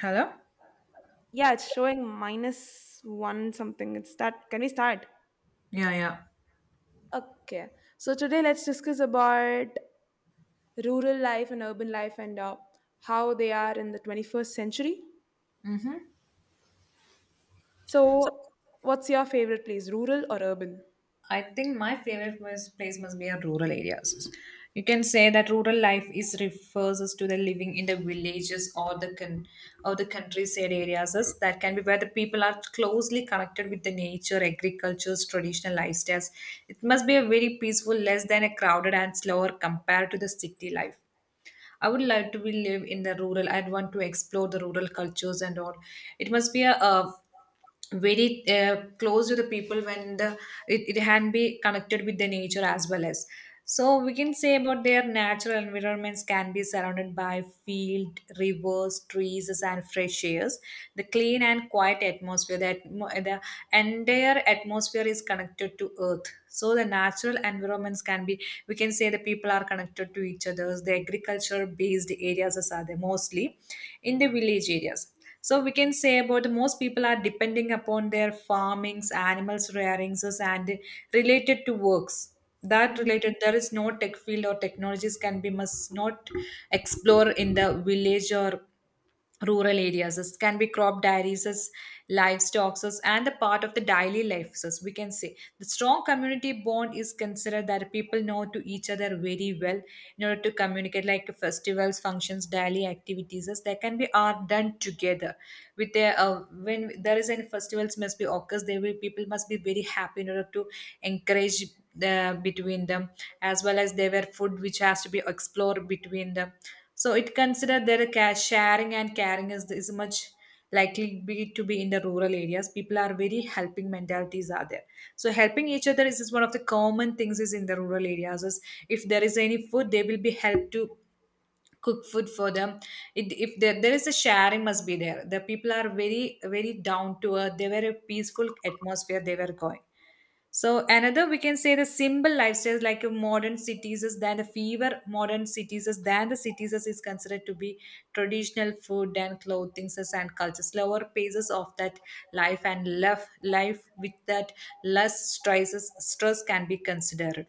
Hello? Yeah, it's showing minus one something. It's that. Can we start? Yeah, yeah. Okay, so today let's discuss about rural life and urban life and how they are in the 21st century. So, what's your favorite place, rural or urban? I think my favorite place must be a rural areas. You can say that rural life is refers us to the living in the villages or the or the countryside areas as that can be where the people are closely connected with the nature, agriculture, traditional lifestyles. It must be a very peaceful, less than a crowded and slower compared to the city life. I would like to be live in the rural. I'd want to explore the rural cultures and all. It must be very close to the people when the it can be connected with the nature as well as. So we can say about their natural environments can be surrounded by field, rivers, trees, and fresh airs. The clean and quiet atmosphere, the entire atmosphere is connected to earth. So the natural environments can be, we can say the people are connected to each other, the agriculture based areas as are there mostly in the village areas. So we can say about most people are depending upon their farmings, animals rearings and related to works, that related there is no tech field or technologies can be, must not explore in the village or rural areas, as can be crop dairies as livestock as and the part of the daily life. As we can say, the strong community bond is considered that people know to each other very well in order to communicate like festivals, functions, daily activities as they can be are done together with their when there is any festivals must be occurs, there will people must be very happy in order to encourage the between them, as well as there were food which has to be explored between them. So it considered that a sharing and caring is much likely be to be in the rural areas. People are very helping mentalities are there. So helping each other is one of the common things is in the rural areas. Is, if there is any food, they will be helped to cook food for them. If there is a sharing must be there, the people are very very down to earth, they were a peaceful atmosphere they were going. So another we can say, the simple lifestyles like a modern cities is than the fever modern cities is considered to be traditional food and clothing and culture, slower paces of that life and love life with that, less stress can be considered.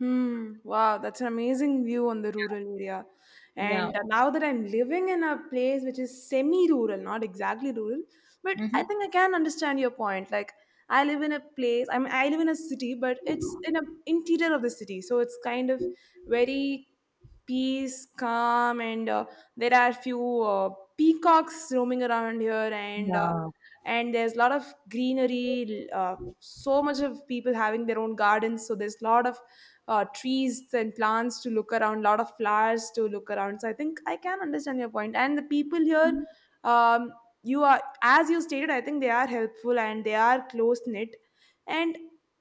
Hmm. Wow, that's an amazing view on the rural area. Yeah. And now that I'm living in a place which is semi-rural, not exactly rural, but I Mm-hmm. think I can understand your point. Like, I live in a place, I mean, I live in a city, but it's in a interior of the city, so it's kind of very peace, calm, and there are few peacocks roaming around here, and uh, Yeah. and there's a lot of greenery, so much of people having their own gardens, so there's a lot of trees and plants to look around, lot of flowers to look around. So I think I can understand your point. And the people here, um, you are as you stated, I think they are helpful and they are close knit. And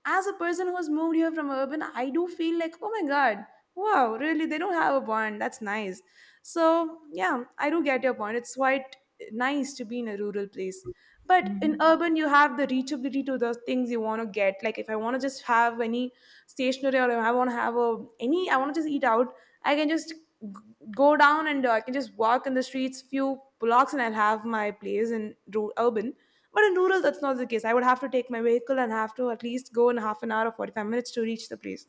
as a person who has moved here from urban, I do feel like, oh my god, wow, really, they don't have a bond. That's nice. So yeah, I do get your point. It's quite nice to be in a rural place, but in Hmm. urban you have the reachability to the things you want to get. Like, if I want to just have any stationery or if I want to have a any, I want to just eat out. I can just go down, and I can just walk in the streets few blocks and I'll have my place in urban. But in rural, that's not the case. I would have to take my vehicle and have to at least go in half an hour or 45 minutes to reach the place.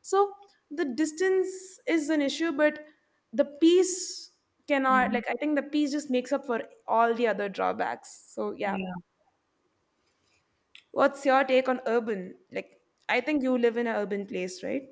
So the distance is an issue, but the peace cannot, Hmm. like, I think the peace just makes up for all the other drawbacks, so yeah. Yeah. What's your take on urban, like, I think you live in an urban place, right?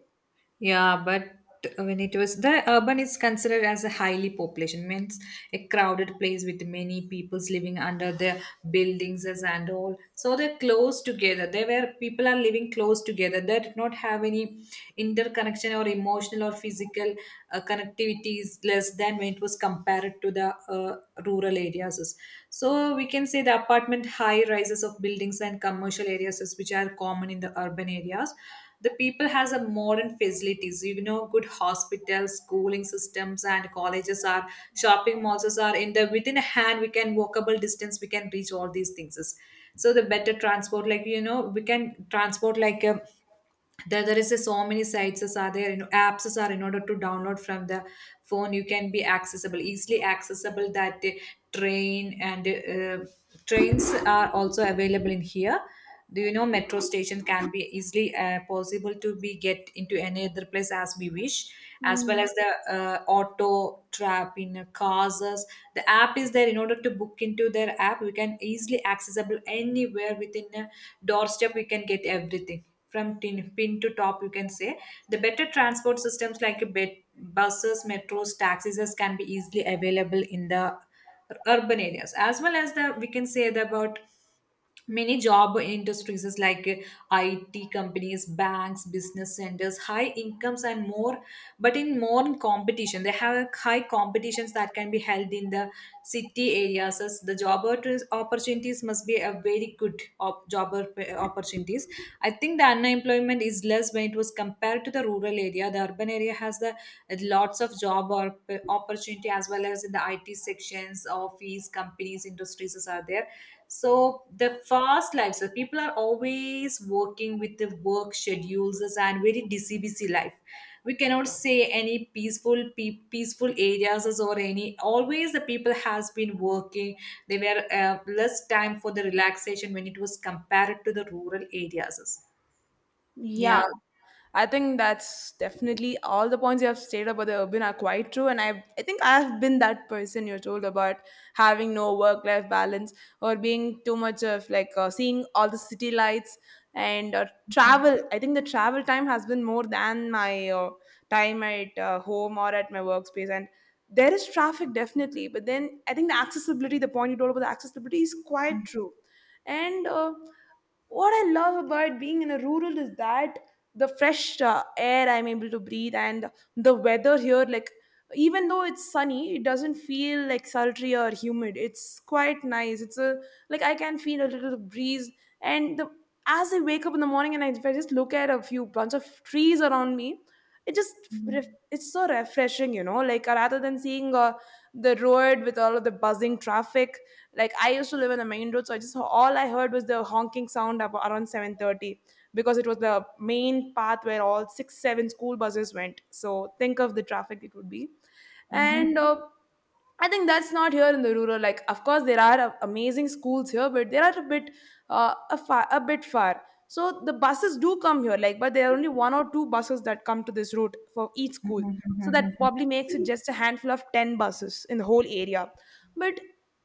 Yeah, but when it was the urban is considered as a highly population, means a crowded place with many peoples living under the buildings as and all, so they're close together, they were people are living close together, they did not have any interconnection or emotional or physical connectivity is less than when it was compared to the rural areas. So we can say the apartment, high rises of buildings and commercial areas is, which are common in the urban areas. The people has a modern facilities, you know, good hospitals, schooling systems and colleges are, shopping malls are in the within a hand, we can walkable distance we can reach all these things. So the better transport, like you know, we can transport like, there is a so many sites as are there, you know, apps as are in order to download from the phone, you can be accessible, easily accessible that, train and trains are also available in here. Do you know metro station can be easily, possible to be get into any other place as we wish. As well Hmm. as the auto trap in the app is there in order to book into their app we can easily accessible anywhere within a doorstep we can get everything from tin, pin to top, you can say. The better transport systems like buses, metros, taxis can be easily available in the urban areas, as well as the we can say the, about many job industries is like IT companies, banks, business centers, high incomes and more, but in more competition. They have a high competitions that can be held in the city areas. As the job opportunities must be a very good opportunities. I think the unemployment is less when it was compared to the rural area. The urban area has the lots of job or opportunity, as well as in the IT sections, office, companies, industries are there. So the fast life, so people are always working with the work schedules and very busy life. We cannot say any peaceful, peaceful areas or any. Always the people has been working. They were less time for the relaxation when it was compared to the rural areas. Yeah, Yeah. I think that's definitely all the points you have stated about the urban are quite true. And I think I have been that person you told about having no work life balance, or being too much of like seeing all the city lights and Mhm. travel. I think the travel time has been more than my time at home or at my workspace. And there is traffic definitely, but then I think the accessibility, the point you told about the accessibility is quite true. And what I love about being in a rural is that the fresh air I'm able to breathe, and the weather here, like, even though it's sunny, it doesn't feel like sultry or humid. It's quite nice. It's a like I can feel a little breeze, and the as I wake up in the morning and if I just look at a few bunch of trees around me, it just ref- Mhm. it's so refreshing. Like, rather than seeing the road with all of the buzzing traffic, like I used to live on the main road, so I just all I heard was the honking sound around 7:30, because it was the main path where all six seven school buses went. So think of the traffic it would be, Mhm. and. I think that's not here in the rural. Like, of course, there are amazing schools here, but they are a bit far. So the buses do come here, like, but there are only one or two buses that come to this route for each school. Mhm. So that Mhm. probably makes it just a handful of 10 buses in the whole area. But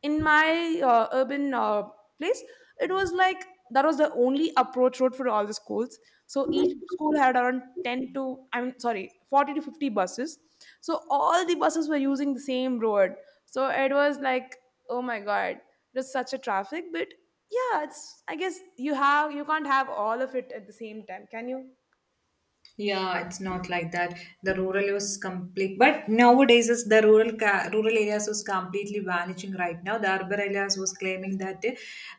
in my urban place, it was like that was the only approach road for all the schools. So each school had around 10 to, I'm sorry, 40 to 50 buses. So all the buses were using the same road. So it was like, oh my god, it was such a traffic. But yeah, it's I guess you can't have all of it at the same time, can you? Yeah, it's not like that. The rural was complete, but nowadays is the rural areas was completely vanishing right now. The urban areas was claiming that,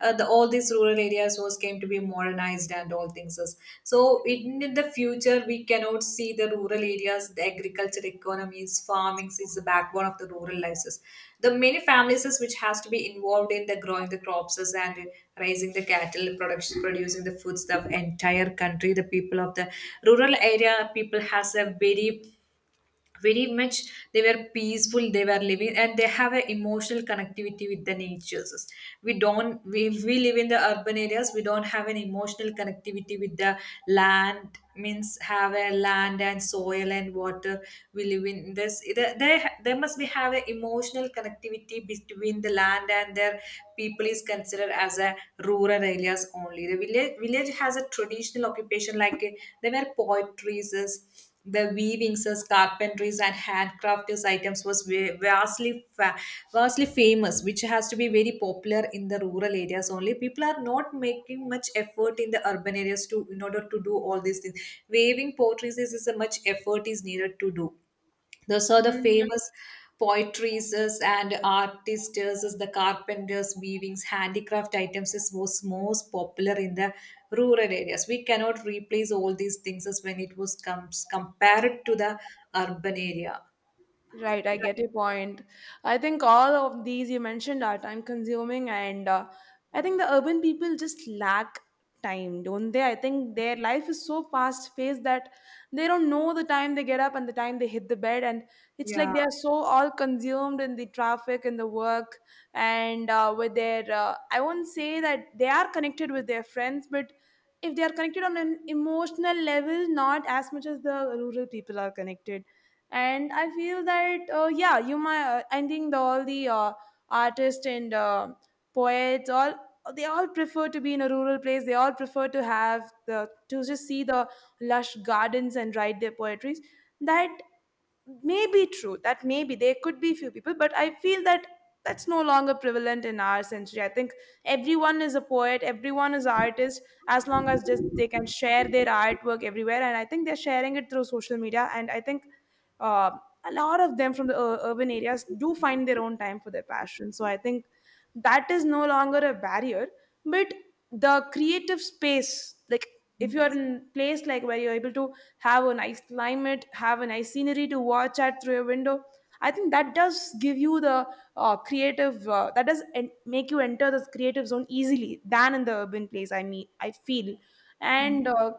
the all these rural areas was came to be modernized and all things is. So in the future we cannot see the rural areas, the agriculture economies, farming is the backbone of the rural lives. The many families is which has to be involved in the growing the crops is and raising the cattle, production, producing the foods, the entire country, the people of the rural area, people has a very very much, they were peaceful they were living and they have an emotional connectivity with the natures. We don't we, we live in the urban areas, we don't have an emotional connectivity with the land, means have a land and soil and water, we live in this. They must be have an emotional connectivity between the land and their people, is considered as a rural areas only. The village has a traditional occupation like, they were poetries, the weavings, as carpentries, and handcrafted items was ve- vastly fa- vastly famous, which has to be very popular in the rural areas only. People are not making much effort in the urban areas to, in order to do all these things. Weaving potteries is a much effort is needed to do, those are the Yeah. famous poetries and artists is, the carpenters, weavings, handicraft items is was most popular in the rural areas, we cannot replace all these things as when it was comes compared to the urban area. Right, I get your point. I think all of these you mentioned are time consuming, and I think the urban people just lack time, don't they? I think their life is so fast paced that they don't know the time they get up and the time they hit the bed, and it's like Yeah. they are so all consumed in the traffic and the work, and with their I won't say that they are connected with their friends, but if they are connected on an emotional level, not as much as the rural people are connected. And I feel that yeah, you might, I think all the artists and poets all, they all prefer to be in a rural place. They all prefer to have the to just see the lush gardens and write their poetries. That may be true. That may be there could be few people, but I feel that that's no longer prevalent in our century. I think everyone is a poet, everyone is an artist, as long as just they can share their artwork everywhere. And I think they're sharing it through social media. And I think uh, a lot of them from the urban areas do find their own time for their passion. So I think that is no longer a barrier. But the creative space, like, if you're in a place like where you're able to have a nice climate, have a nice scenery to watch at through your window, I think that does give you the creative, that does make you enter this creative zone easily than in the urban place, I mean, I feel. And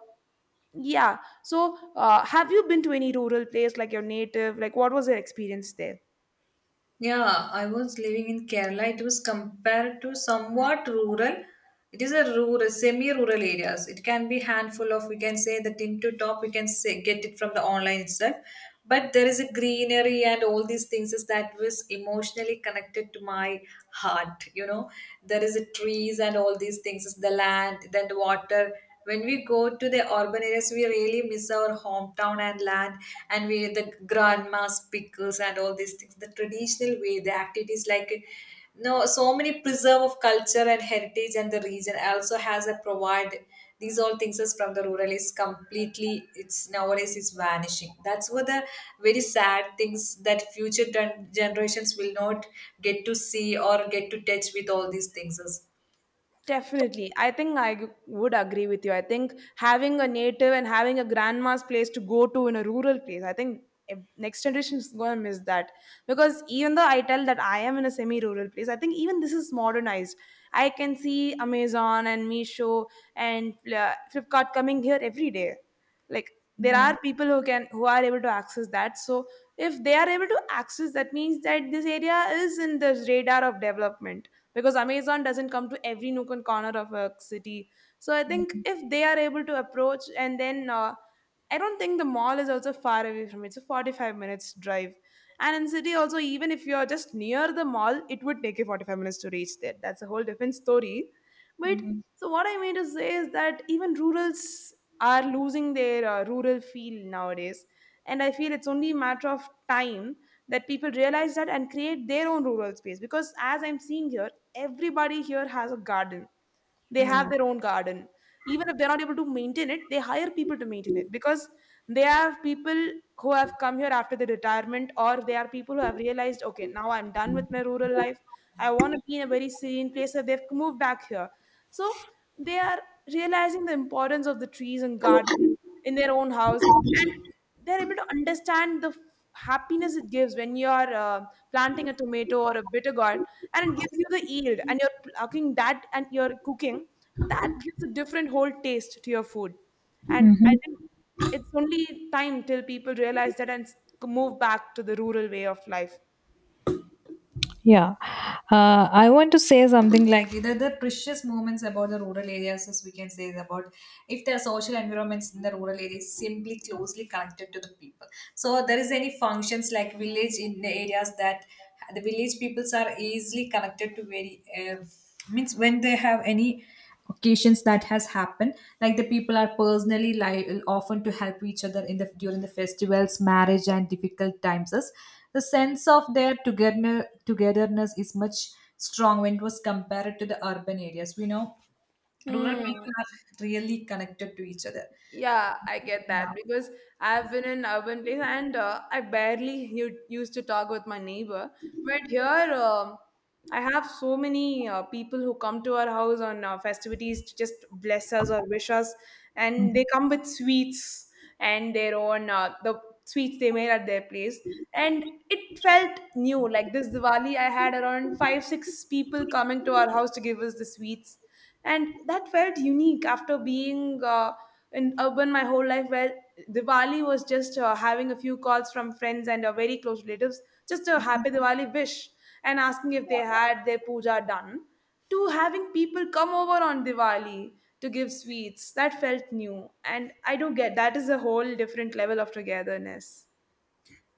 yeah. So, have you been to any rural place like your native? Like, what was your experience there? Yeah, I was living in Kerala. It was compared to somewhat rural. It is a rural, semi-rural areas. It can be handful of, we can say the tin to top, we can say, get it from the online itself. But there is a greenery and all these things is that was emotionally connected to my heart. You know, there is a trees and all these things is the land, then the water, when we go to the urban areas we really miss our hometown and land and we the grandma's pickles and all these things, the traditional way, the activities like no so many preserve of culture and heritage and the region also has a provide these all things is from the rural is completely, it's nowadays is vanishing, that's what the very sad things, that future generations will not get to see or get to touch with all these things is. Definitely. I think I would agree with you. I think having a native and having a grandma's place to go to in a rural place, I think next generation is going to miss that. Because even though I tell that I am in a semi rural place, I think even this is modernized. I can see Amazon and Meesho and Flipkart coming here every day. Like, there are Mhm. people who are able to access that. So if they are able to access, that means that this area is in the radar of development, because Amazon doesn't come to every nook and corner of a city. So I think if they are able to approach, and then I don't think the mall is also far away from it. It's a 45 minutes drive. And in city also, even if you're just near the mall, it would take you 45 minutes to reach there. That's a whole different story. But Mhm. so what I mean to say is that even rurals are losing their rural feel nowadays. And I feel it's only a matter of time that people realize that and create their own rural space. Because as I'm seeing here, everybody here has a garden. They have Yeah. their own garden. Even if they're not able to maintain it, they hire people to maintain it, because they have people who have come here after the retirement, or they are people who have realized, okay, now I'm done with my rural life. I want to be in a very serene place. So they've moved back here. So they are realizing the importance of the trees and garden in their own house. And they're able to understand the happiness it gives when you're uh, planting a tomato or a bitter gourd, and it gives you the yield and you're plucking that and you're cooking. That gives a different whole taste to your food. And I think it's only time till people realize that and move back to the rural way of life. Yeah, I want to say something like the precious moments about the rural areas, as we can say, is about, if the social environments in the rural areas simply closely connected to the people. So there is any functions like village in the areas that the village peoples are easily connected to very, means when they have any occasions that has happened, like the people are personally often to help each other in the during the festivals, marriage and difficult times. Thus, the sense of their togetherness is much strong when it was compared to the urban areas we know rural Hmm. people are really connected to each other. Yeah, I get Yeah. that because I've been in urban place and I barely used to talk with my neighbor. But here, I have so many people who come to our house on festivities to just bless us or wish us, and they come with sweets and the sweets they made at their place. And it felt new. Like this Diwali, I had around five, six people coming to our house to give us the sweets, and that felt unique after being. In urban my whole life where Diwali was just having a few calls from friends and very close relatives, just a happy Diwali wish and asking if they had their puja done, to having people come over on Diwali to give sweets. That felt new. And I do get that is a whole different level of togetherness.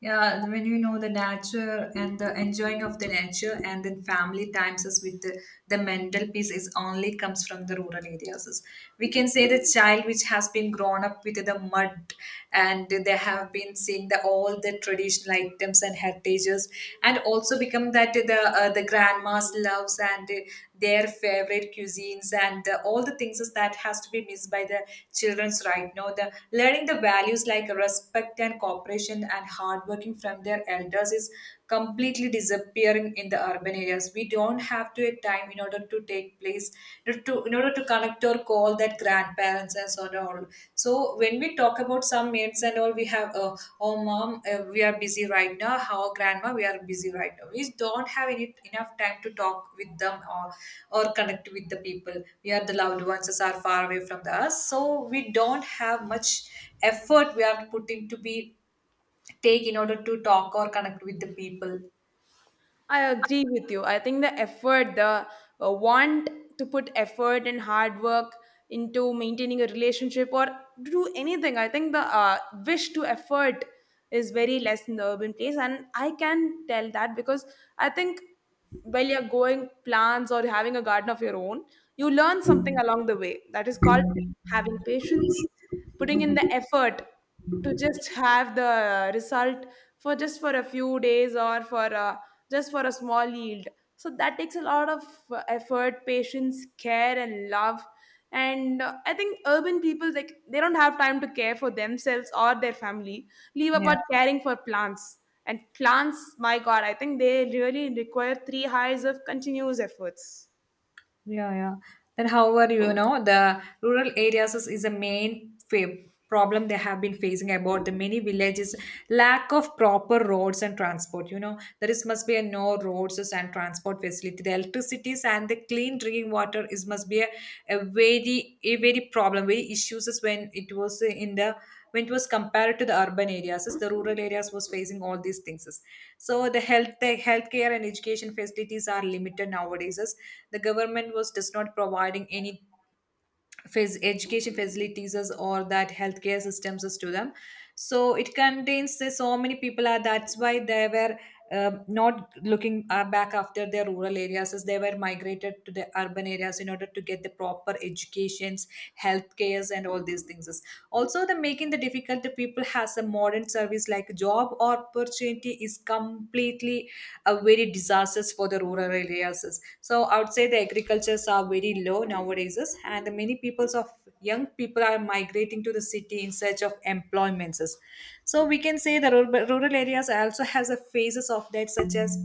Yeah, when you know the nature and the enjoying of the nature and then family times is with the mental peace is only comes from the rural areas. We can say the child which has been grown up with the mud and they have been seeing the all the traditional items and heritages and also become that the grandma's loves and their favorite cuisines and, all the things is that has to be missed by the childrens right now, the learning the values like respect and cooperation and hard working from their elders is completely disappearing in the urban areas, we don't have to a time in order to take place in order to, connect or call that grandparents and so on. And all. So when we talk about some mates and all, we have oh mom, we are busy right now. How grandma, we are busy right now. We don't have any enough time to talk with them or connect with the people. We are the loved ones that are far away from the us, so we don't have much effort we are putting to be take in order to talk or connect with the people. I agree with you. I think the effort, the want to put effort and hard work into maintaining a relationship or to do anything, I think the wish to effort is very less in the urban place. And I can tell that because I think while you're going plants or having a garden of your own, you learn something along the way. That is called having patience, putting in the effort to just have the result for just for a few days or just for a small yield. So that takes a lot of effort, patience, care, and love and I think urban people like they don't have time to care for themselves or their family, leave Yeah. apart caring for plants. And plants, my god, I think they really require three highs of continuous efforts. Yeah, yeah. Then, however, the rural areas is a main problem they have been facing about the many villages lack of proper roads and transport. You know, there is must be a no roads and transport facility. The electricities and the clean drinking water is must be a very problem, very issues is when it was in the when it was compared to the urban areas as the rural areas was facing all these things as. So the health the healthcare and education facilities are limited nowadays as the government was just not providing any education facilities as or that healthcare systems as to them. So it contains so many people are that's why they were not looking back after their rural areas as they were migrated to the urban areas in order to get the proper educations, health cares and all these things. Also, the making the difficult people has a modern service like job opportunity is completely a very disastrous for the rural areas. So I would say the agricultures are very low nowadays, and the many peoples of young people are migrating to the city in search of employments. So we can say the rural areas also has a phases of that such as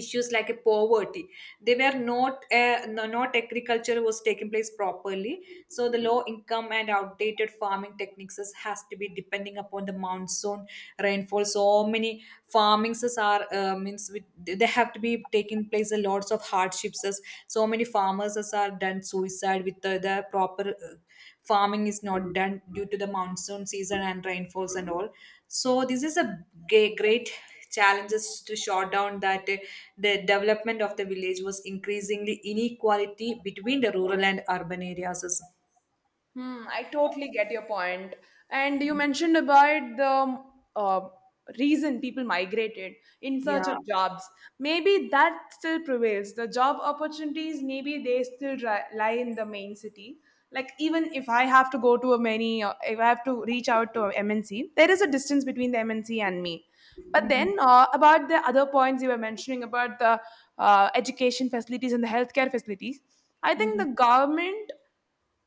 issues like a poverty. They were not not agriculture was taking place properly, so the low income and outdated farming techniques is- has to be depending upon the monsoon rainfall. So many farmings is are means with, they have to be taking place a lots of hardships as. So many farmers as are done suicide with the proper farming is not done due to the monsoon season and rainfalls and all. So this is a great challenges to short down that the development of the village was increasingly inequality between the rural and urban areas. Hmm, I totally get your point. And you mentioned about the uh, reason people migrated in search Yeah. of jobs. Maybe that still prevails. The job opportunities, maybe they lie in the main city. Like even if I have to go to a many, if I have to reach out to a MNC, there is a distance between the MNC and me. But Hmm. then about the other points you were mentioning about the education facilities and the healthcare facilities, I think Hmm. the government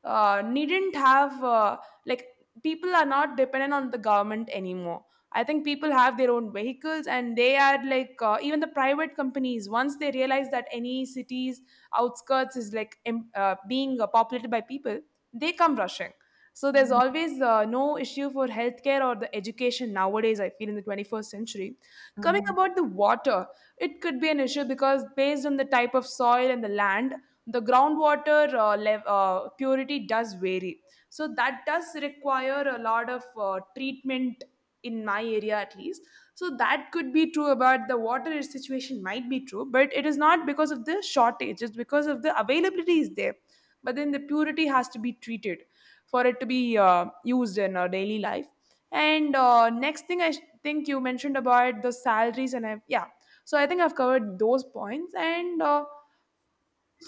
needn't have like people are not dependent on the government anymore. I think people have their own vehicles and they are like, even the private companies, once they realize that any city's outskirts is like being populated by people, they come rushing. So there's Hmm. always no issue for healthcare or the education nowadays, I feel, in the 21st century. Coming Hmm. about the water, it could be an issue because based on the type of soil and the land, the groundwater purity does vary. So that does require a lot of treatment in my area at least. So that could be true about the water situation might be true, but it is not because of the shortage, it's because of the availability is there. But then the purity has to be treated for it to be used in our daily life. And uh, next thing I think you mentioned about the salaries and I, yeah. So I think I've covered those points. And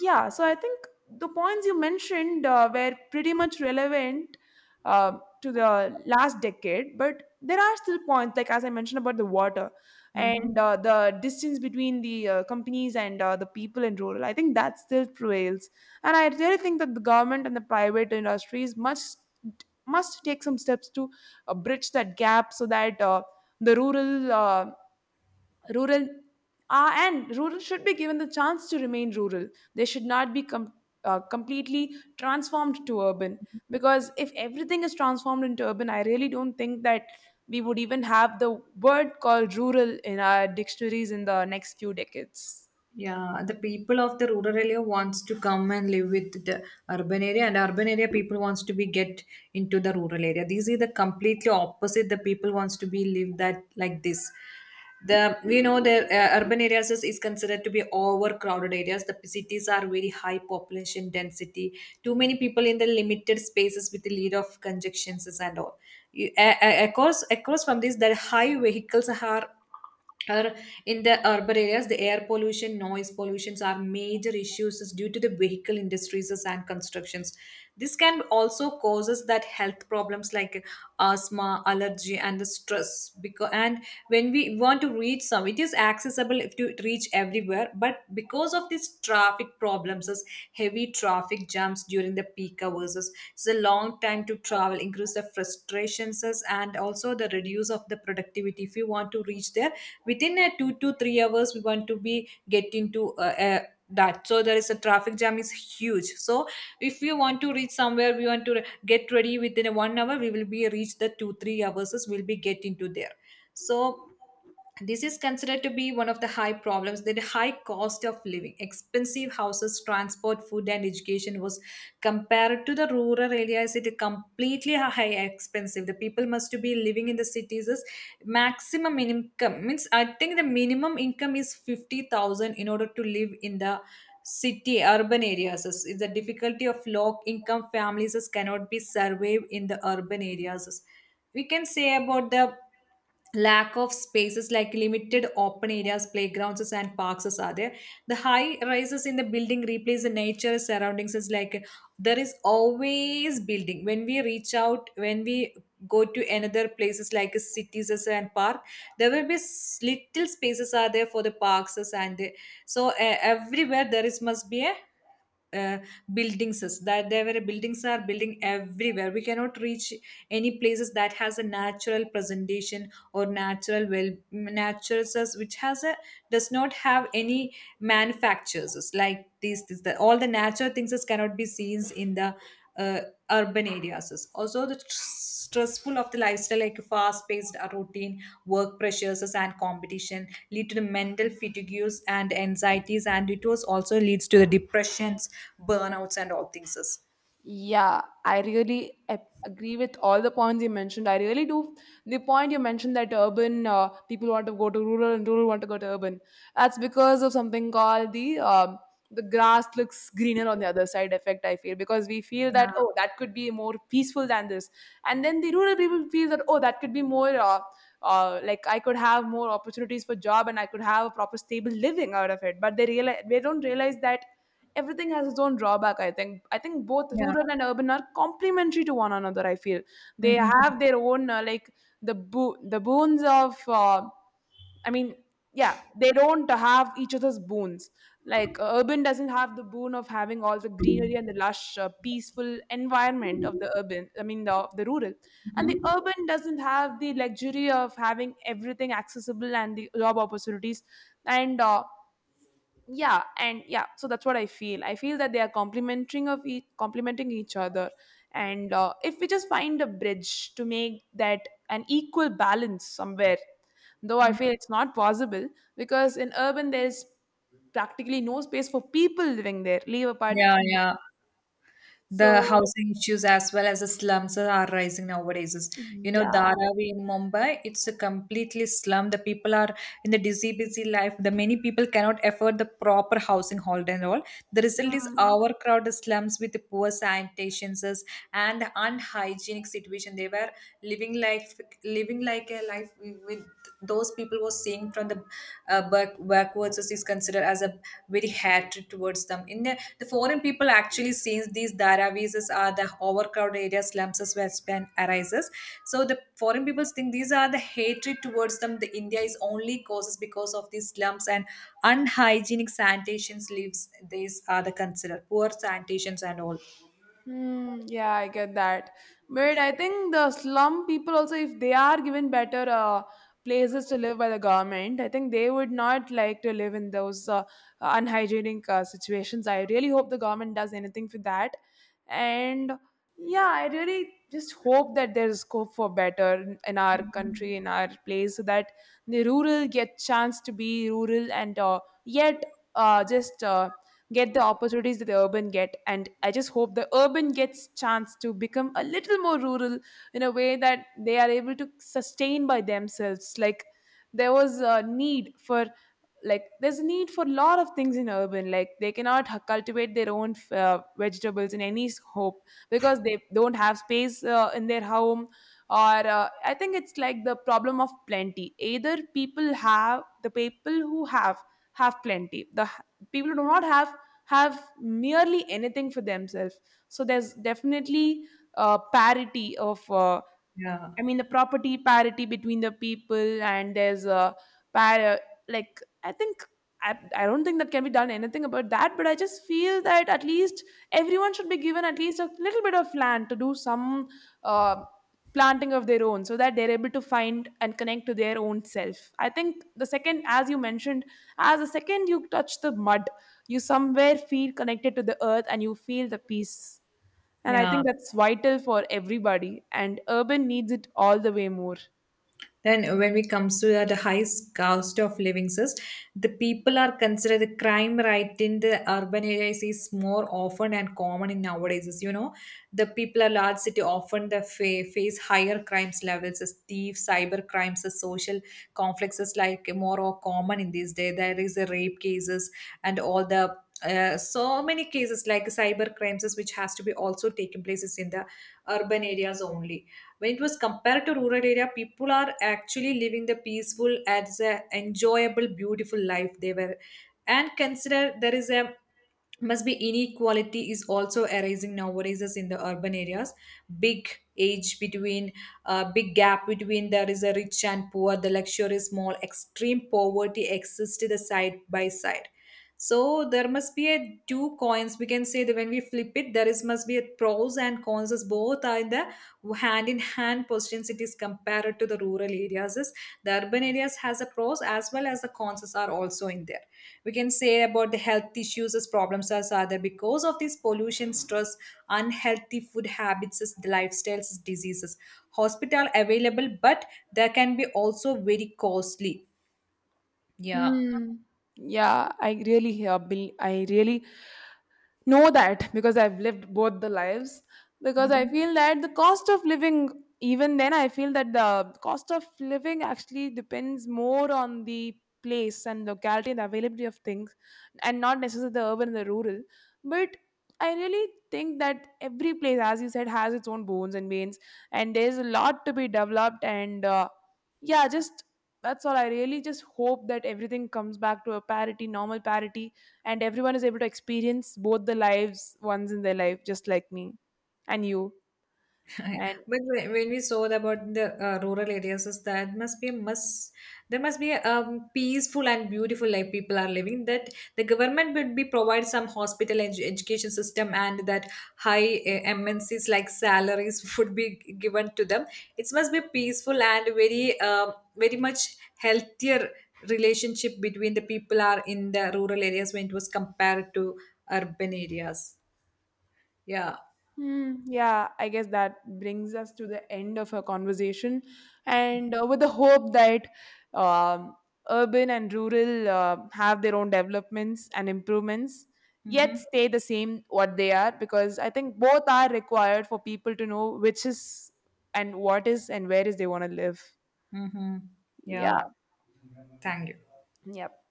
yeah, so I think the points you mentioned were pretty much relevant to the last decade, but there are still points, like as I mentioned about the water, Hmm. and the distance between the companies and the people in rural. I think that still prevails, and I really think that the government and the private industries must take some steps to bridge that gap so that uh, the rural uh, rural uh, and rural should be given the chance to remain rural. They should not be completely transformed to urban, because if everything is transformed into urban, I really don't think that we would even have the word called rural in our dictionaries in the next few decades. Yeah, the people of the rural area wants to come and live with the urban area, and urban area people wants to be get into the rural area. These is the completely opposite. The people wants to be live that like this. The we know the urban areas is considered to be overcrowded areas. The cities are very high population density. Too many people in the limited spaces with the lead of congestions and all. Across across from this, the high vehicles are or in the urban areas the air pollution noise pollutions are major issues is due to the vehicle industries and constructions. This can also causes that health problems like asthma allergy and the stress because and when we want to reach some it is accessible if to reach everywhere but because of these traffic problems is heavy traffic jams during the peak hours is it's a long time to travel increase the frustrations is and also the reduce of the productivity if you want to reach there within a 2 to 3 hours we want to be get into that so there is a traffic jam is huge. So if we want to reach somewhere we want to get ready within a 1 hour we will be reach the 2 3 hours we'll be get into there. So this is considered to be one of the high problems that the high cost of living expensive houses transport food and education was compared to the rural areas it is completely high expensive the people must to be living in the cities is maximum income means I think the minimum income is 50,000 in order to live in the city urban areas is the difficulty of low income families is cannot be surveyed in the urban areas. We can say about the lack of spaces like limited open areas playgrounds and parks are there. The high rises in the building replace the nature surroundings is like there is always building when we reach out when we go to another places like cities as and park there will be little spaces are there for the parks as and so everywhere there is must be a uh, buildings is that there were buildings are building everywhere we cannot reach any places that has a natural presentation or natural well natures as- which has a does not have any manufactures like these all the natural things is cannot be seen in the uh, urban areas is also the stressful of the lifestyle like fast-paced routine work pressures and competition lead to the mental fatigues and anxieties and it was also leads to the depressions burnouts and all things is. Yeah, I really agree with all the points you mentioned. I really do. The point you mentioned that urban people want to go to rural and rural want to go to urban. That's because of something called the grass looks greener on the other side effect. I feel because we feel that, oh, that could be more peaceful than this, and then the rural people feel that, oh, that could be more. Like I could have more opportunities for job and I could have a proper stable living out of it, but they realize they don't realize that everything has its own drawback. I think both Yeah. rural and urban are complementary to one another, I feel. They Hmm. have their own the boons of i mean yeah, they don't have each other's boons. Like urban doesn't have the boon of having all the greenery and the lush peaceful environment of the urban I mean the, of the rural, and the urban doesn't have the luxury of having everything accessible and the job opportunities. And uh, yeah and yeah so that's what I feel. I feel that they are complementing each other. And if we just find a bridge to make that an equal balance somewhere, though I feel it's not possible because in urban there's practically no space for people living there, leave apart Yeah, trees. yeah. The So housing issues as well as the slums are rising nowadays is you know yeah. Dharavi in Mumbai it's a completely slum the people are in the busy life the many people cannot afford the proper housing hold and all the result is Mm. overcrowded slums with the poor sanitations and unhygienic situation they were living like a life with those people was seeing from the backwards is considered as a very hatred towards them in the foreign people actually sees these dharavis are the overcrowded areas slums as where span arises. So the foreign people think these are the hatred towards them the India is only causes because of these slums and unhygienic sanitations lives these are the considered poor sanitations and all. Hmm. Yeah, I get that. But I think the slum people also, if they are given better places to live by the government, I think they would not like to live in those unhygienic situations. I really hope the government does anything for that. And yeah, I really just hope that there is scope for better in our Mhm. country, in our place, so that the rural get chance to be rural and yet just get the opportunities that the urban get. And I just hope the urban gets chance to become a little more rural, in a way that they are able to sustain by themselves. Like there was a need for like there's a need for a lot of things in urban. Like they cannot cultivate their own vegetables in any hope because they don't have space in their home. Or I think it's like the problem of plenty. Either people have the people who have plenty. The people who do not have, have merely anything for themselves. So there's definitely parity of Yeah. I mean, the property parity between the people, and there's a par- uh, I think, I don't think that can be done anything about that, but I just feel that at least everyone should be given at least a little bit of land to do some uh, planting of their own, so that they're able to find and connect to their own self. I think the second, as you mentioned, as the second you touch the mud, you somewhere feel connected to the earth and you feel the peace. And I Yeah. think that's vital for everybody, and urban needs it all the way more. Then, when it comes to the high cost of living, is the people are considered the crime rate in the urban areas is more often and common in nowadays. Is, you know, the people are large city often the face higher crimes levels as thieves, cyber crimes, as social conflicts is like more or common in these days. There is a rape cases and all the so many cases like cyber crimes is which has to be also taken places in the urban areas only when it was compared to rural area people are actually living the peaceful as a enjoyable beautiful life they were and consider there is a must be inequality is also arising nowadays as in the urban areas big age between big gap between there is a rich and poor the luxurious small extreme poverty exists to the side by side. So there must be a two coins we can say that when we flip it there is must be a pros and cons as both are in the hand in hand positions it is compared to the rural areas is the urban areas has a pros as well as the cons are also in there. We can say about the health issues as problems as other because of this pollution stress unhealthy food habits as the lifestyles as diseases hospital available but they can be also very costly. Yeah. Hmm. Yeah, I really help. I really know that because I've lived both the lives. Because I Mhm. feel that the cost of living, even then, I feel that the cost of living actually depends more on the place and locality and the availability of things, and not necessarily the urban and the rural. But I really think that every place, as you said, has its own bones and veins, and there's a lot to be developed. And yeah, just that's all. I really just hope that everything comes back to a parity, normal parity, and everyone is able to experience both the lives once in their life just like me and you. And But when we saw about the rural areas, is that must be a must. There must be a peaceful and beautiful life people are living. That the government would be provide some hospital education system and that high MNCs like salaries would be given to them. It must be peaceful and very very much healthier relationship between the people are in the rural areas when it was compared to urban areas. Yeah. hmm, yeah, I guess that brings us to the end of our conversation and with the hope that um, urban and rural have their own developments and improvements, yet Mm-hmm. stay the same what they are, because I think both are required for people to know which is and what is and where is they want to live. Mm-hmm. Yeah. Yeah. Thank you. Yep.